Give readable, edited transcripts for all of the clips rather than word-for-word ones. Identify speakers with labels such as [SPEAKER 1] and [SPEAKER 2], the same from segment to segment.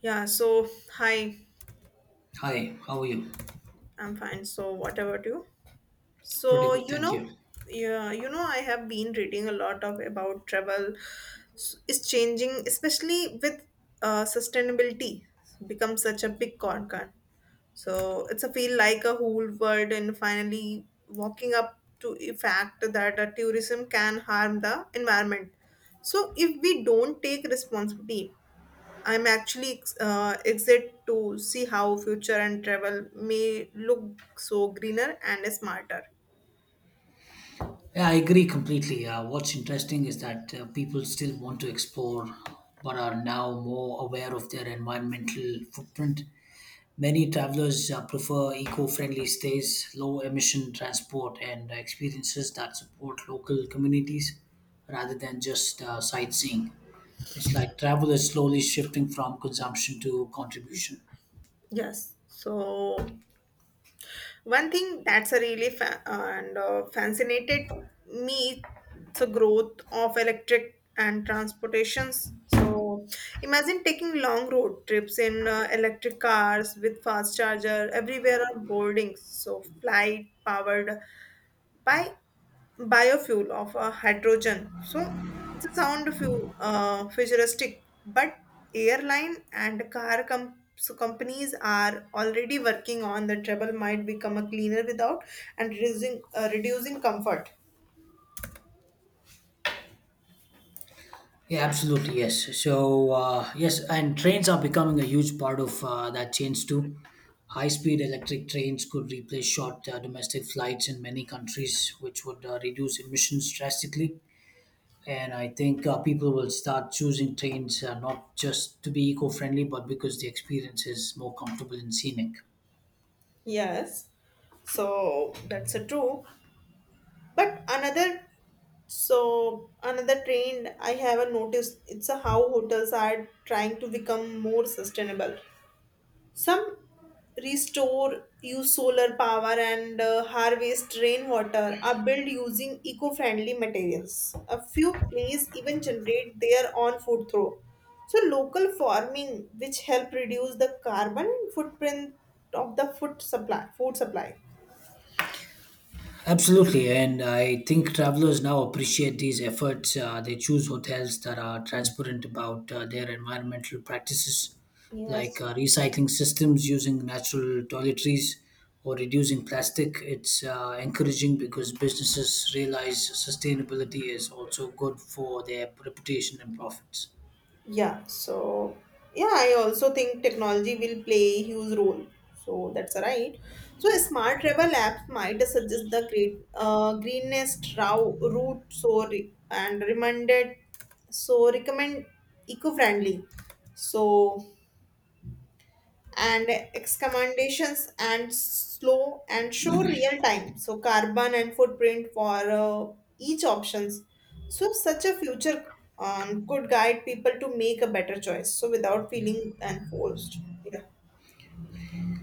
[SPEAKER 1] Yeah, so hi,
[SPEAKER 2] Hi, how are you?
[SPEAKER 1] I'm fine. So what about you?
[SPEAKER 2] Pretty
[SPEAKER 1] So
[SPEAKER 2] good, thank you.
[SPEAKER 1] yeah, I have been reading a lot of about travel. It's changing, especially with sustainability become such a big concern. So it's a feel like a whole world and finally walking up to a fact that a tourism can harm the environment. So if we don't take responsibility, I'm actually excited to see how future and travel may look so greener and smarter.
[SPEAKER 2] Yeah, I agree completely. What's interesting is that people still want to explore but are now more aware of their environmental footprint. Many travelers prefer eco friendly stays, low emission transport, and experiences that support local communities rather than just sightseeing. It's like travel is slowly shifting from consumption to contribution.
[SPEAKER 1] Yes. So one thing that's a really fa- and fascinated me is the growth of electric and transportations. So imagine taking long road trips in electric cars with fast charger everywhere on boardings. So flight powered by biofuel of hydrogen. So it's a sound few futuristic, but airline and car companies are already working on the travel might become a cleaner without and reducing comfort.
[SPEAKER 2] Yeah, absolutely. Yes. So, yes, and trains are becoming a huge part of that change too. High speed electric trains could replace short domestic flights in many countries, which would reduce emissions drastically. And I think people will start choosing trains, not just to be eco friendly, but because the experience is more comfortable and scenic.
[SPEAKER 1] Yes, so that's a true. But another trend I haven't noticed it's a how hotels are trying to become more sustainable. Some restore, use solar power and harvest rainwater are built using eco-friendly materials. A few places even generate their own food through. So local farming, which help reduce the carbon footprint of the food supply.
[SPEAKER 2] Absolutely, and I think travelers now appreciate these efforts. They choose hotels that are transparent about their environmental practices, like
[SPEAKER 1] Yes.
[SPEAKER 2] recycling systems, using natural toiletries, or reducing plastic. It's encouraging because businesses realize sustainability is also good for their reputation and profits.
[SPEAKER 1] Yeah, so yeah, I also think technology will play a huge role. So that's right. So a smart travel apps might suggest the great greenest route. So recommend eco-friendly. So and excommendations and slow and show real time so carbon and footprint for each options so such a future could guide people to make a better choice so without feeling enforced, yeah.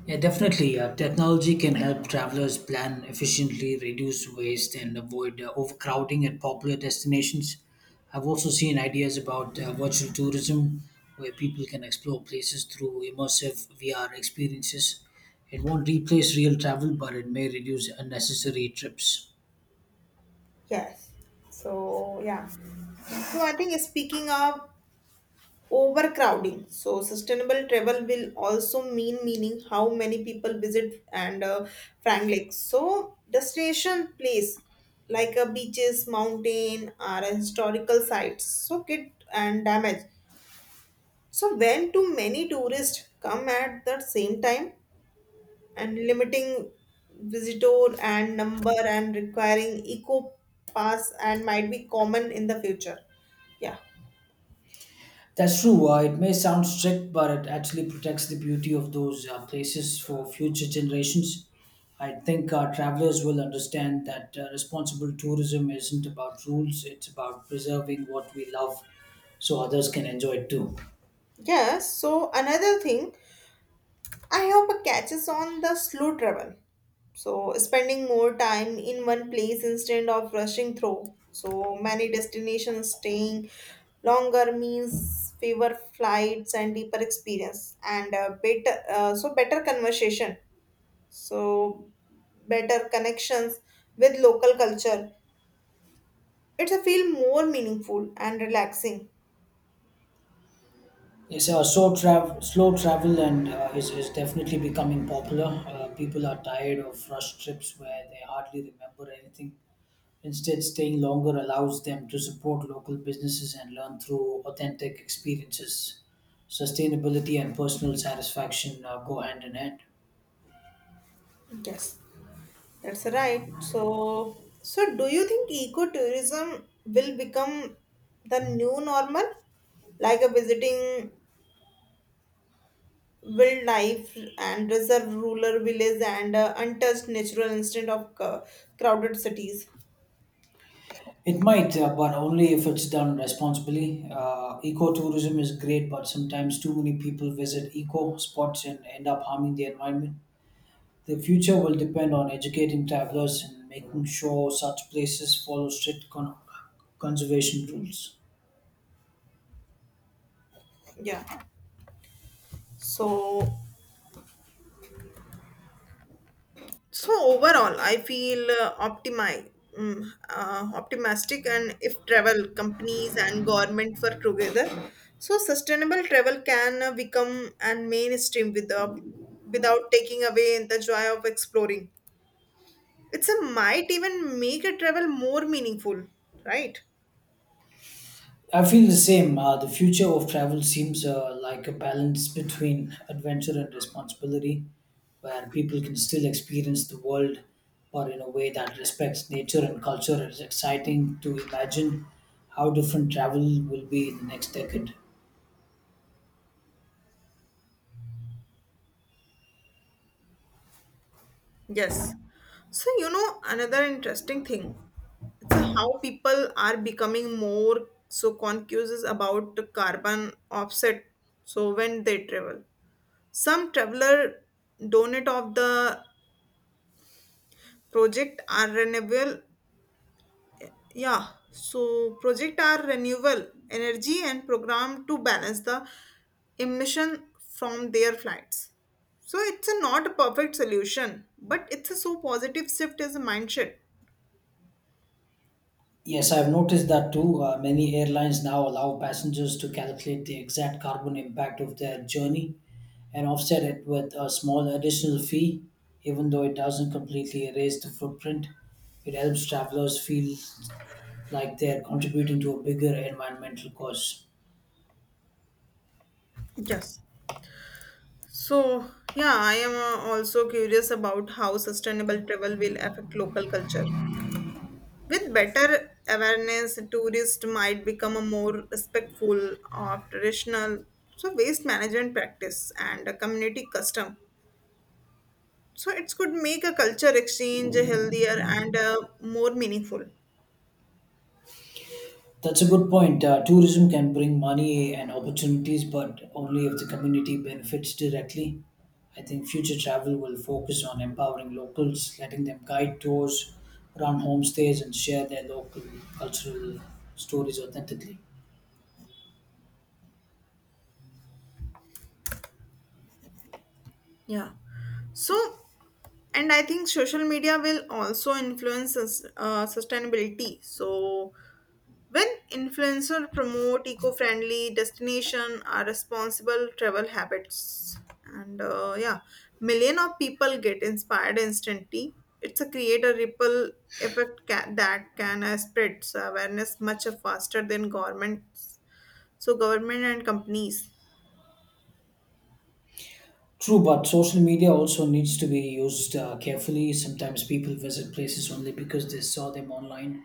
[SPEAKER 2] Yeah, definitely. Technology can help travelers plan efficiently, reduce waste, and avoid overcrowding at popular destinations. I've also seen ideas about virtual tourism, where people can explore places through immersive VR experiences. It won't replace real travel, but it may reduce unnecessary trips.
[SPEAKER 1] Yes. So yeah. So I think speaking of overcrowding, so sustainable travel will also mean meaning how many people visit and frankly so destination place like a beaches mountain or a historical sites so get and damage so when too many tourists come at the same time and limiting visitor and number and requiring eco pass and might be common in the future, yeah.
[SPEAKER 2] That's true. It may sound strict, but it actually protects the beauty of those places for future generations. I think travelers will understand that responsible tourism isn't about rules, it's about preserving what we love so others can enjoy it too.
[SPEAKER 1] Yes. So another thing I hope it catches on the slow travel. So, spending more time in one place instead of rushing through. So, many destinations staying longer means fewer flights and deeper experience and better so better conversation so better connections with local culture. It's a feel more meaningful and relaxing.
[SPEAKER 2] Yes, so slow travel and is definitely becoming popular. People are tired of rushed trips where they hardly remember anything. Instead, staying longer allows them to support local businesses and learn through authentic experiences. Sustainability and personal satisfaction go hand in hand.
[SPEAKER 1] Yes. That's right. So do you think ecotourism will become the new normal, like a visiting wildlife and reserve rural villages and untouched natural instead of crowded cities?
[SPEAKER 2] It might, but only if it's done responsibly. Ecotourism is great, but sometimes too many people visit eco spots and end up harming the environment. The future will depend on educating travelers and making sure such places follow strict conservation rules.
[SPEAKER 1] Yeah. So So overall, I feel optimistic, and if travel companies and government work together, so sustainable travel can become an mainstream without taking away the joy of exploring. It's a might even make a travel more meaningful, right?
[SPEAKER 2] I feel the same. The future of travel seems like a balance between adventure and responsibility, where people can still experience the world, but in a way that respects nature and culture. It's exciting to imagine how different travel will be in the next decade.
[SPEAKER 1] Yes. So, another interesting thing, it's a how people are becoming more so conscious about the carbon offset. So when they travel, some traveler donate of the project are renewable. Yeah. So project are renewable energy and program to balance the emission from their flights. So it's a not a perfect solution, but it's a so positive shift as a mindset.
[SPEAKER 2] Yes, I've noticed that too. Many airlines now allow passengers to calculate the exact carbon impact of their journey and offset it with a small additional fee, even though it doesn't completely erase the footprint. It helps travelers feel like they're contributing to a bigger environmental cause.
[SPEAKER 1] Yes. So, yeah, I am also curious about how sustainable travel will affect local culture. With better awareness, tourists might become a more respectful of traditional so waste management practice and a community custom. So it could make a culture exchange healthier and more meaningful.
[SPEAKER 2] That's a good point. Tourism can bring money and opportunities, but only if the community benefits directly. I think future travel will focus on empowering locals, letting them guide tours, run homestays, and share their local cultural stories authentically.
[SPEAKER 1] Yeah. So, and I think social media will also influence sustainability. So, when influencers promote eco-friendly destination or responsible travel habits, and yeah, million of people get inspired instantly. It's a create a ripple that can spread awareness much faster than governments. So, government and companies.
[SPEAKER 2] True, but social media also needs to be used carefully. Sometimes people visit places only because they saw them online,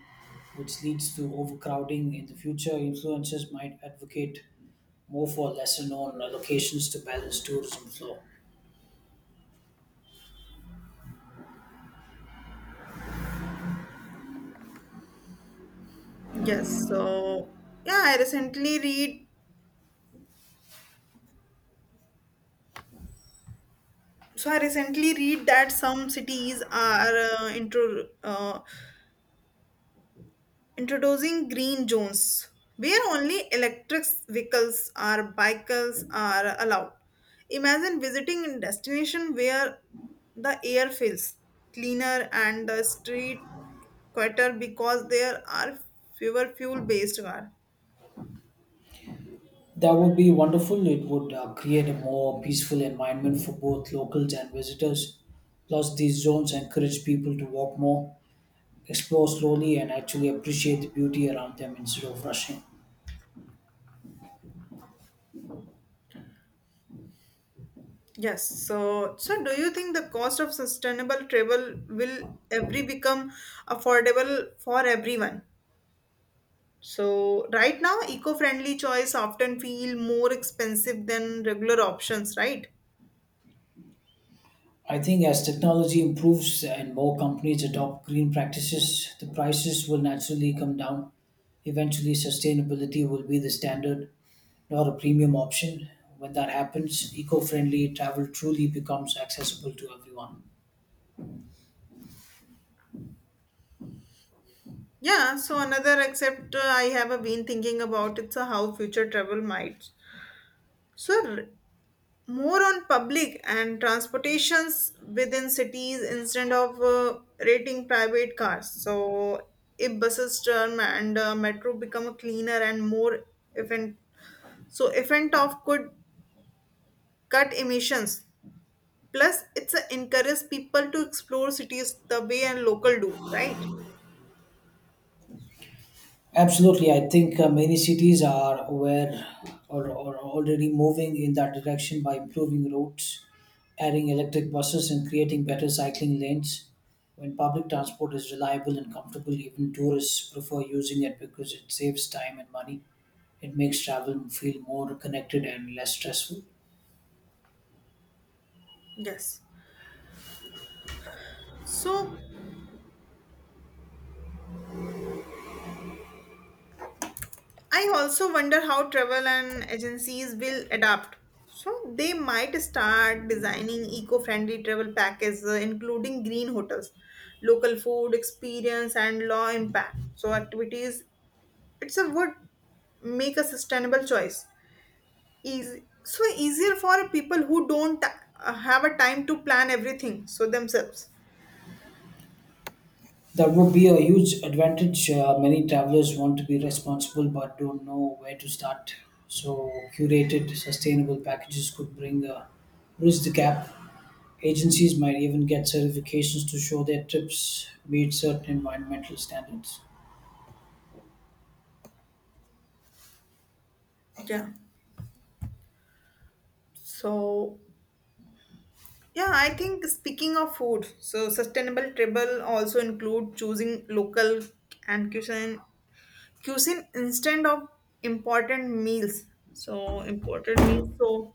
[SPEAKER 2] which leads to overcrowding in the future. Influencers might advocate move for lesser known locations to balance tourism flow.
[SPEAKER 1] Yes. So, yeah, I recently read So I recently read that some cities are introducing green zones where only electric vehicles or bicycles are allowed. Imagine visiting a destination where the air feels cleaner and the street quieter because there are fewer fuel-based cars.
[SPEAKER 2] That would be wonderful. It would create a more peaceful environment for both locals and visitors. Plus, these zones encourage people to walk more, explore slowly, and actually appreciate the beauty around them instead of rushing.
[SPEAKER 1] Yes, so do you think the cost of sustainable travel will every become affordable for everyone? So right now, eco-friendly choice often feel more expensive than regular options, right?
[SPEAKER 2] I think as technology improves and more companies adopt green practices, the prices will naturally come down. Eventually, sustainability will be the standard or a premium option. When that happens, eco friendly travel truly becomes accessible to everyone.
[SPEAKER 1] Yeah, so another except I have been thinking about it's how future travel might. So more on public and transportations within cities instead of rating private cars. So if buses term and metro become a cleaner and more efficient, so effect of could cut emissions. Plus, it's a encourage people to explore cities the way and local do, right?
[SPEAKER 2] Absolutely. I think many cities are aware or already moving in that direction by improving routes, adding electric buses, and creating better cycling lanes. When public transport is reliable and comfortable, even tourists prefer using it because it saves time and money. It makes travel feel more connected and less stressful.
[SPEAKER 1] Yes. So I also wonder how travel and agencies will adapt. So they might start designing eco-friendly travel packages, including green hotels, local food experience, and law impact. So activities. It's a would make a sustainable choice. Easy, so easier for people who don't have a time to plan everything so themselves.
[SPEAKER 2] That would be a huge advantage. Many travelers want to be responsible but don't know where to start. So, curated, sustainable packages could bring bridge the gap. Agencies might even get certifications to show their trips meet certain environmental standards.
[SPEAKER 1] Yeah. So, yeah, I think speaking of food, so sustainable travel also include choosing local and cuisine instead of important meals. So important meals. So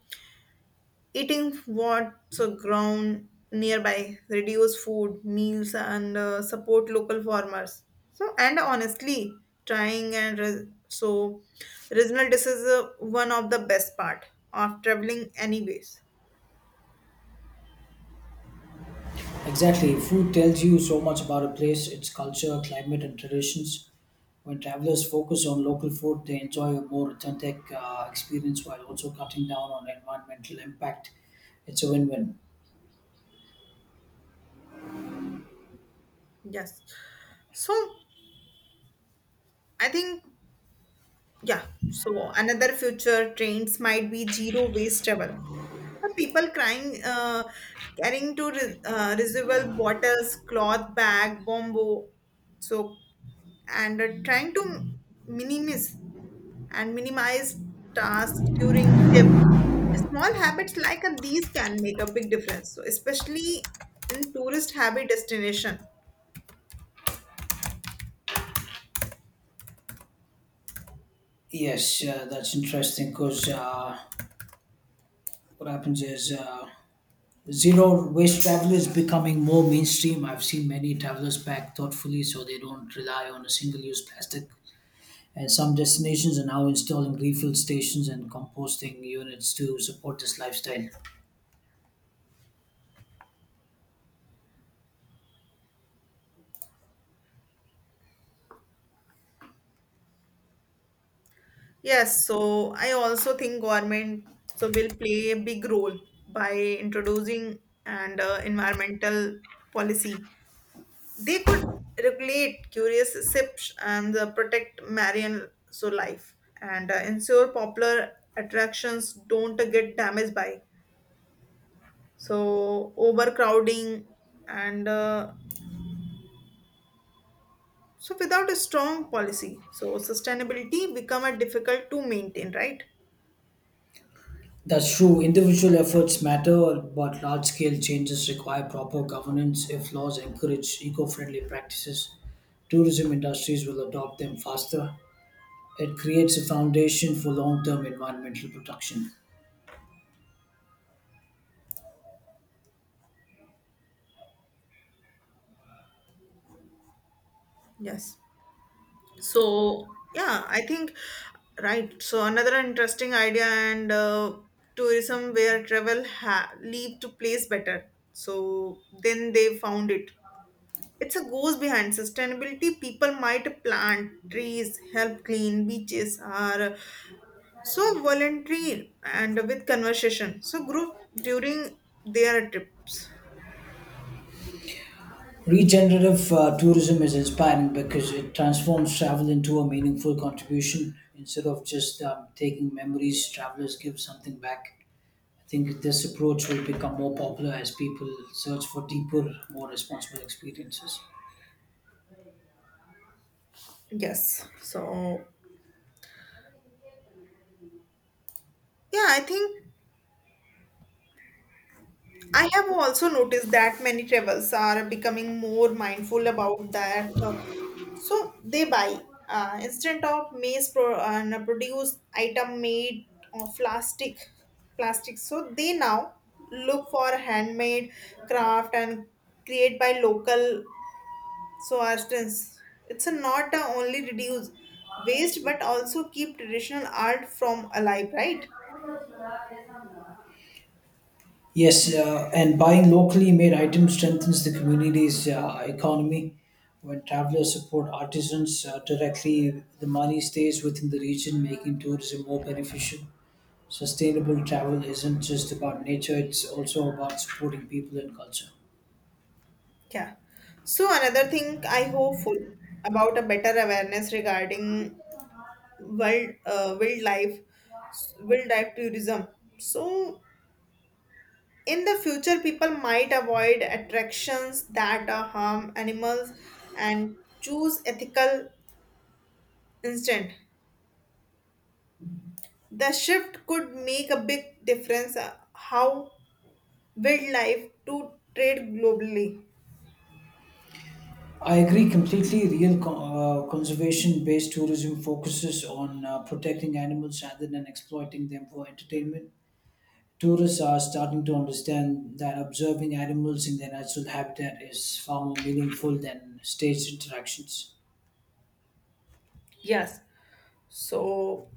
[SPEAKER 1] eating what so grown nearby, reduce food meals and support local farmers. So and honestly, trying and regional dishes is one of the best part of traveling anyways.
[SPEAKER 2] Exactly, food tells you so much about a place, its culture, climate, and traditions. When travelers focus on local food, they enjoy a more authentic experience while also cutting down on environmental impact. It's a win win.
[SPEAKER 1] Yes. So I think, yeah. So another future trends might be zero waste travel. Some people carrying to reusable bottles, cloth bag, bombo. So and trying to minimize minimize tasks during tips. Small habits like these can make a big difference. So especially in tourist heavy destination.
[SPEAKER 2] Yes, that's interesting because what happens is zero waste travel is becoming more mainstream. I've seen many travelers pack thoughtfully so they don't rely on a single use plastic. And some destinations are now installing refill stations and composting units to support this lifestyle.
[SPEAKER 1] Yes, so I also think government so will play a big role by introducing and environmental policy. They could regulate curious ships and protect marine so life and ensure popular attractions don't get damaged by so overcrowding and so without a strong policy, so sustainability become a difficult to maintain, right?
[SPEAKER 2] That's true. Individual efforts matter, but large scale changes require proper governance. If laws encourage eco friendly practices, tourism industries will adopt them faster. It creates a foundation for long term environmental protection.
[SPEAKER 1] Yes. So, yeah, I think, right. So, another interesting idea and tourism where travel lead to place better. So, then they found it. It's a goes behind sustainability. People might plant trees, help clean beaches, are so voluntary and with conversation. So, group during their trips.
[SPEAKER 2] Regenerative tourism is inspiring because it transforms travel into a meaningful contribution instead of just taking memories, travelers give something back. I think this approach will become more popular as people search for deeper, more responsible experiences.
[SPEAKER 1] Yes. So, yeah, I think I have also noticed that many travelers are becoming more mindful about that. So they buy instead of produce item made of plastic. So they now look for handmade craft and create by local so artisans. It's a not a only reduce waste but also keep traditional art from alive, right?
[SPEAKER 2] Yes, and buying locally made items strengthens the community's economy. When travelers support artisans directly, the money stays within the region, making tourism more beneficial. Sustainable travel isn't just about nature, it's also about supporting people and culture.
[SPEAKER 1] Yeah. So another thing I hopeful about a better awareness regarding wild uh, wildlife wildlife tourism. So in the future, people might avoid attractions that harm animals and choose ethical instant. The shift could make a big difference how wildlife to trade globally.
[SPEAKER 2] I agree completely. Real conservation based tourism focuses on protecting animals rather than exploiting them for entertainment. Tourists are starting to understand that observing animals in their natural habitat is far more meaningful than staged interactions.
[SPEAKER 1] Yes. So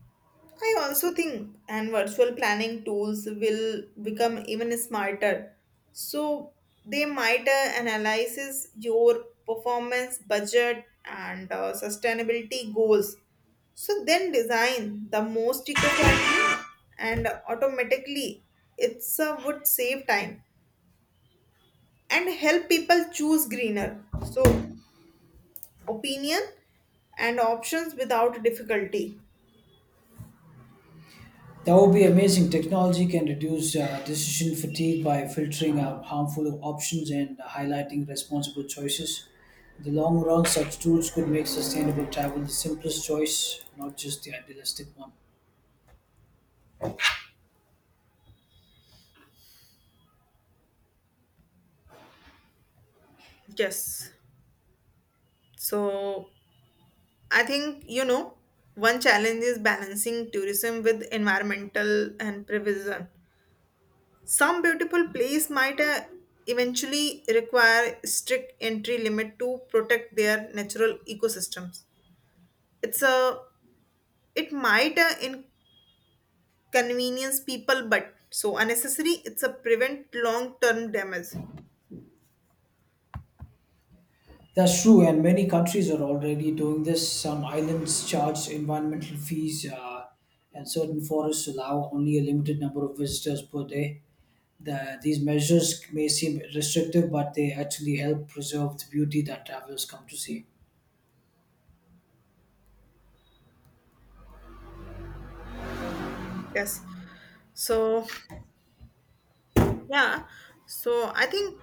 [SPEAKER 1] I also think and virtual planning tools will become even smarter. So they might analyze your performance, budget, and sustainability goals. So then design the most eco-friendly and automatically it's would save time and help people choose greener. So opinion and options without difficulty.
[SPEAKER 2] That would be amazing. Technology can reduce decision fatigue by filtering out harmful options and highlighting responsible choices. In the long run, such tools could make sustainable travel the simplest choice, not just the idealistic one.
[SPEAKER 1] Yes. So I think, one challenge is balancing tourism with environmental and preservation. Some beautiful place might eventually require strict entry limit to protect their natural ecosystems. It's a it might inconvenience people, but so unnecessary. It's a prevent long term damage.
[SPEAKER 2] That's true, and many countries are already doing this. Some islands charge environmental fees, and certain forests allow only a limited number of visitors per day. These measures may seem restrictive, but they actually help preserve the beauty that travelers come to see.
[SPEAKER 1] Yes. So yeah. So I think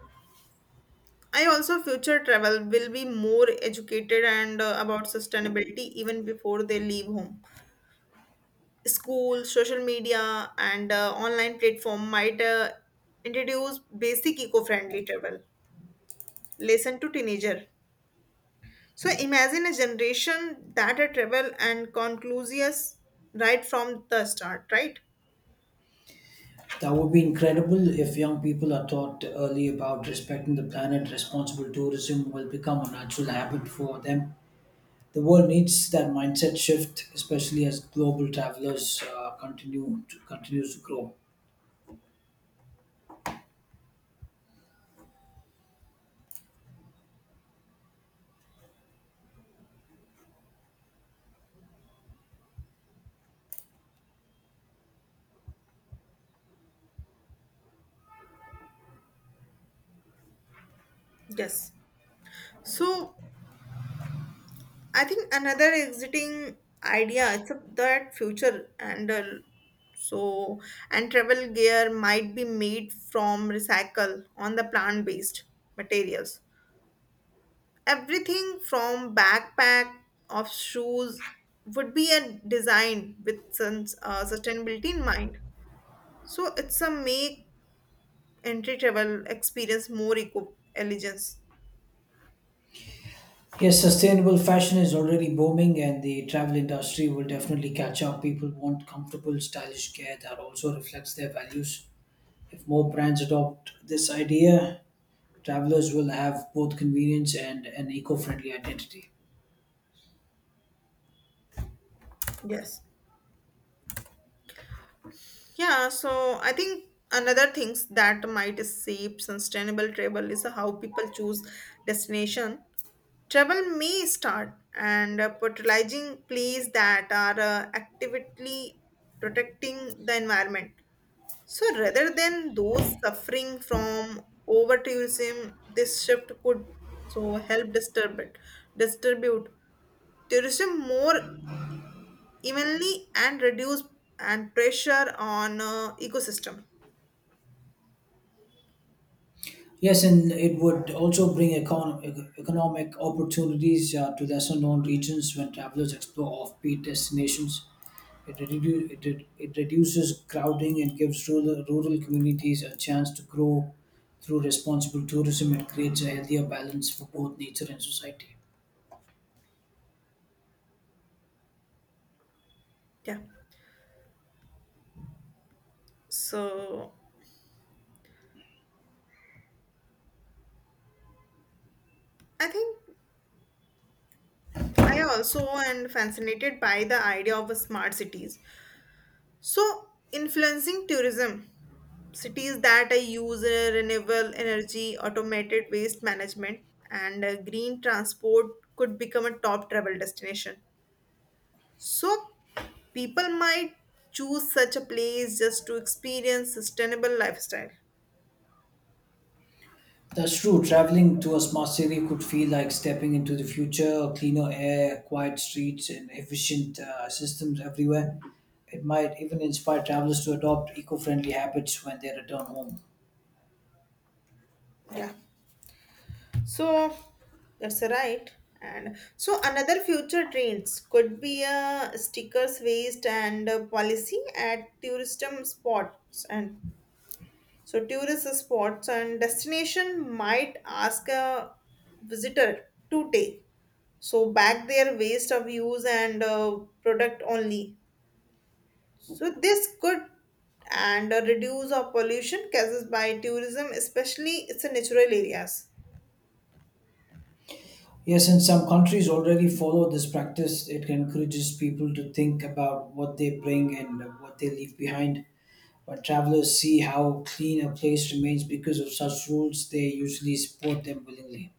[SPEAKER 1] I also future travel will be more educated and about sustainability even before they leave home. School, social media, and online platform might introduce basic eco-friendly travel. Lesson to teenager. So imagine a generation that a travel and conclusious right from the start, right?
[SPEAKER 2] That would be incredible if young people are taught early about respecting the planet. Responsible tourism will become a natural habit for them. The world needs that mindset shift, especially as global travelers continues to grow.
[SPEAKER 1] Yes. So I think another exciting idea is of that future and so and travel gear might be made from recycle on the plant based materials. Everything from backpack of shoes would be a design with some sustainability in mind. So it's a make entry travel experience more eco intelligence.
[SPEAKER 2] Yes, sustainable fashion is already booming, and the travel industry will definitely catch up. People want comfortable, stylish gear that also reflects their values. If more brands adopt this idea, travelers will have both convenience and an eco-friendly identity.
[SPEAKER 1] Yes. Yeah, so I think another things that might shape sustainable travel is how people choose destination. Travel may start and patronizing places that are actively protecting the environment. So rather than those suffering from over tourism, this shift could so help distribute tourism more evenly and reduce and pressure on ecosystem.
[SPEAKER 2] Yes, and it would also bring economic opportunities to lesser known regions when travelers explore offbeat destinations. It reduces crowding and gives rural communities a chance to grow through responsible tourism and creates a healthier balance for both nature and society.
[SPEAKER 1] Yeah. So I think I also am fascinated by the idea of a smart cities. So influencing tourism, cities that I use renewable energy, automated waste management, and green transport could become a top travel destination. So people might choose such a place just to experience sustainable lifestyle.
[SPEAKER 2] That's true. Traveling to a smart city could feel like stepping into the future. Cleaner air, quiet streets, and efficient systems everywhere. It might even inspire travelers to adopt eco friendly habits when they return home.
[SPEAKER 1] Yeah. So that's right. And so another future trends could be a stickers waste and policy at tourism spots and so tourist spots and destination might ask a visitor to take so back their waste of use and product only. So this could and reduce of pollution causes by tourism, especially it's in natural areas.
[SPEAKER 2] Yes, and some countries already follow this practice. It encourages people to think about what they bring and what they leave behind. When travelers see how clean a place remains because of such rules, they usually support them willingly.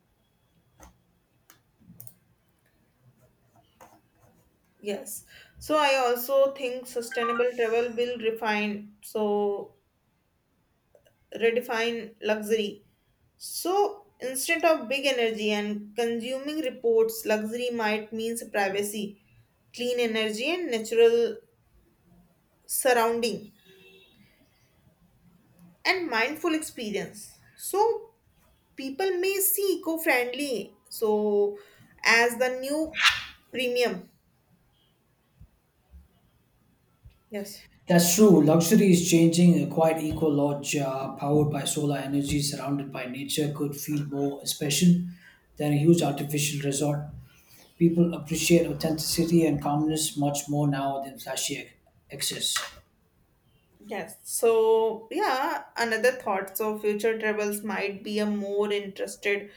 [SPEAKER 1] Yes. So I also think sustainable travel will refine, so redefine luxury. So instead of big energy and consuming reports, luxury might means privacy, clean energy and natural surrounding and mindful experience. So people may see eco-friendly so as the new premium. Yes.
[SPEAKER 2] That's true. Luxury is changing. A quiet eco lodge powered by solar energy, surrounded by nature, could feel more special than a huge artificial resort. People appreciate authenticity and calmness much more now than flashy excess.
[SPEAKER 1] Yes. So, yeah, another thought. So, future travels might be a more interested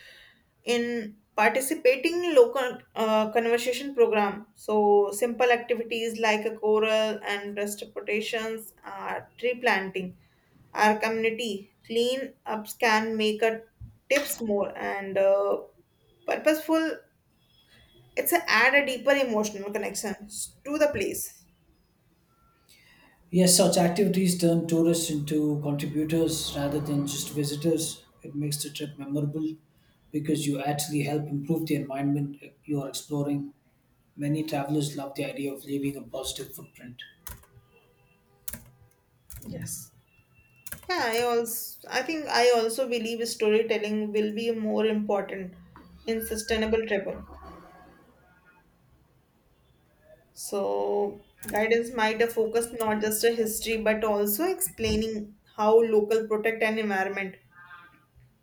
[SPEAKER 1] in participating local conversation program. So, simple activities like a coral and restorations, tree planting, our community clean ups can make a tips more and purposeful. It's a add a deeper emotional connection to the place.
[SPEAKER 2] Yes, such activities turn tourists into contributors rather than just visitors. It makes the trip memorable because you actually help improve the environment you are exploring. Many travelers love the idea of leaving a positive footprint.
[SPEAKER 1] Yes. I think I also believe storytelling will be more important in sustainable travel. So guidance might focus not just a history but also explaining how local protect an environment.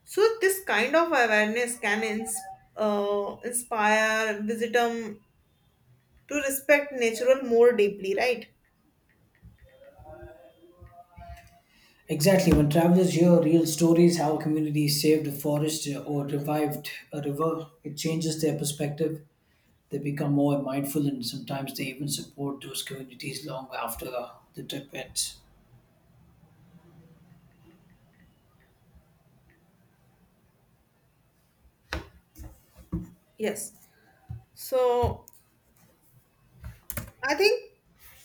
[SPEAKER 1] So this kind of awareness can inspire visitor to respect nature more deeply, right?
[SPEAKER 2] Exactly. When travelers hear real stories, how communities saved a forest or revived a river, it changes their perspective. They become more mindful and sometimes they even support those communities long after the trip ends.
[SPEAKER 1] Yes. So I think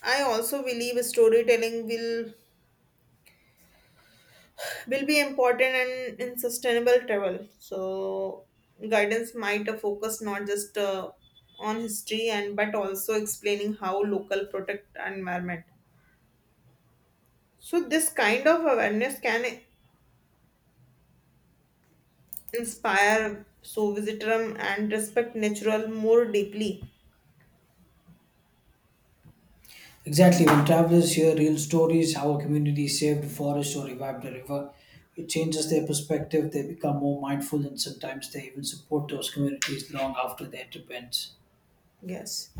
[SPEAKER 1] I also believe storytelling will be important and in sustainable travel so guidance might focus not just on history and but also explaining how local protect environment so this kind of awareness can inspire so visitor and respect natural more deeply.
[SPEAKER 2] Exactly. When travelers hear real stories, how a community saved a forest or revived a river, it changes their perspective. They become more mindful and sometimes they even support those communities long after their trip ends.
[SPEAKER 1] Yes.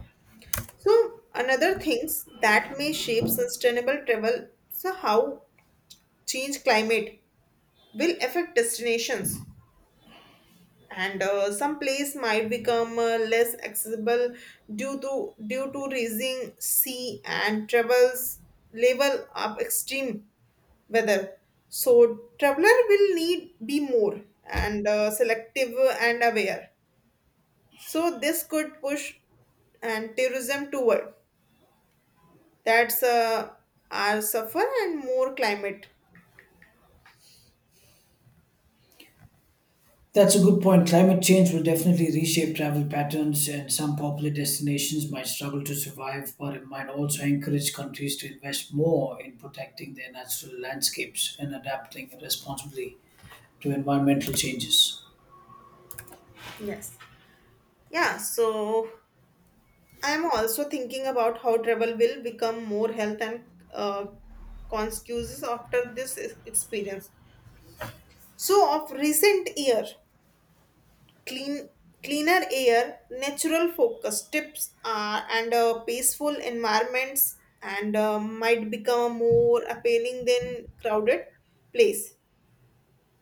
[SPEAKER 1] So another things that may shape sustainable travel so how change climate will affect destinations and some place might become less accessible due to rising sea and travels level of extreme weather. So traveler will need be more and selective and aware. So this could push and tourism toward that's our suffer and more climate.
[SPEAKER 2] That's a good point. Climate change will definitely reshape travel patterns, and some popular destinations might struggle to survive, but it might also encourage countries to invest more in protecting their natural landscapes and adapting responsibly to environmental changes.
[SPEAKER 1] Yes. Yeah. So I'm also thinking about how travel will become more health and uh, conscious after this experience. So, of recent year, clean, cleaner air, natural focus tips, are, and peaceful environments, and might become more appealing than crowded place.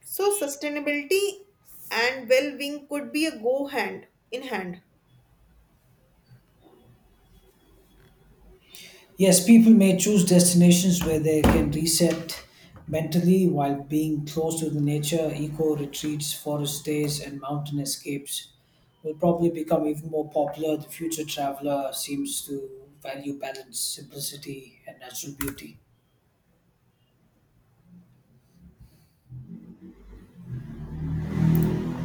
[SPEAKER 1] So, sustainability and well-being could be a go hand in hand.
[SPEAKER 2] Yes, people may choose destinations where they can reset mentally while being close to the nature. Eco retreats, forest stays, and mountain escapes will probably become even more popular. The future traveler seems to value balance, simplicity, and natural beauty.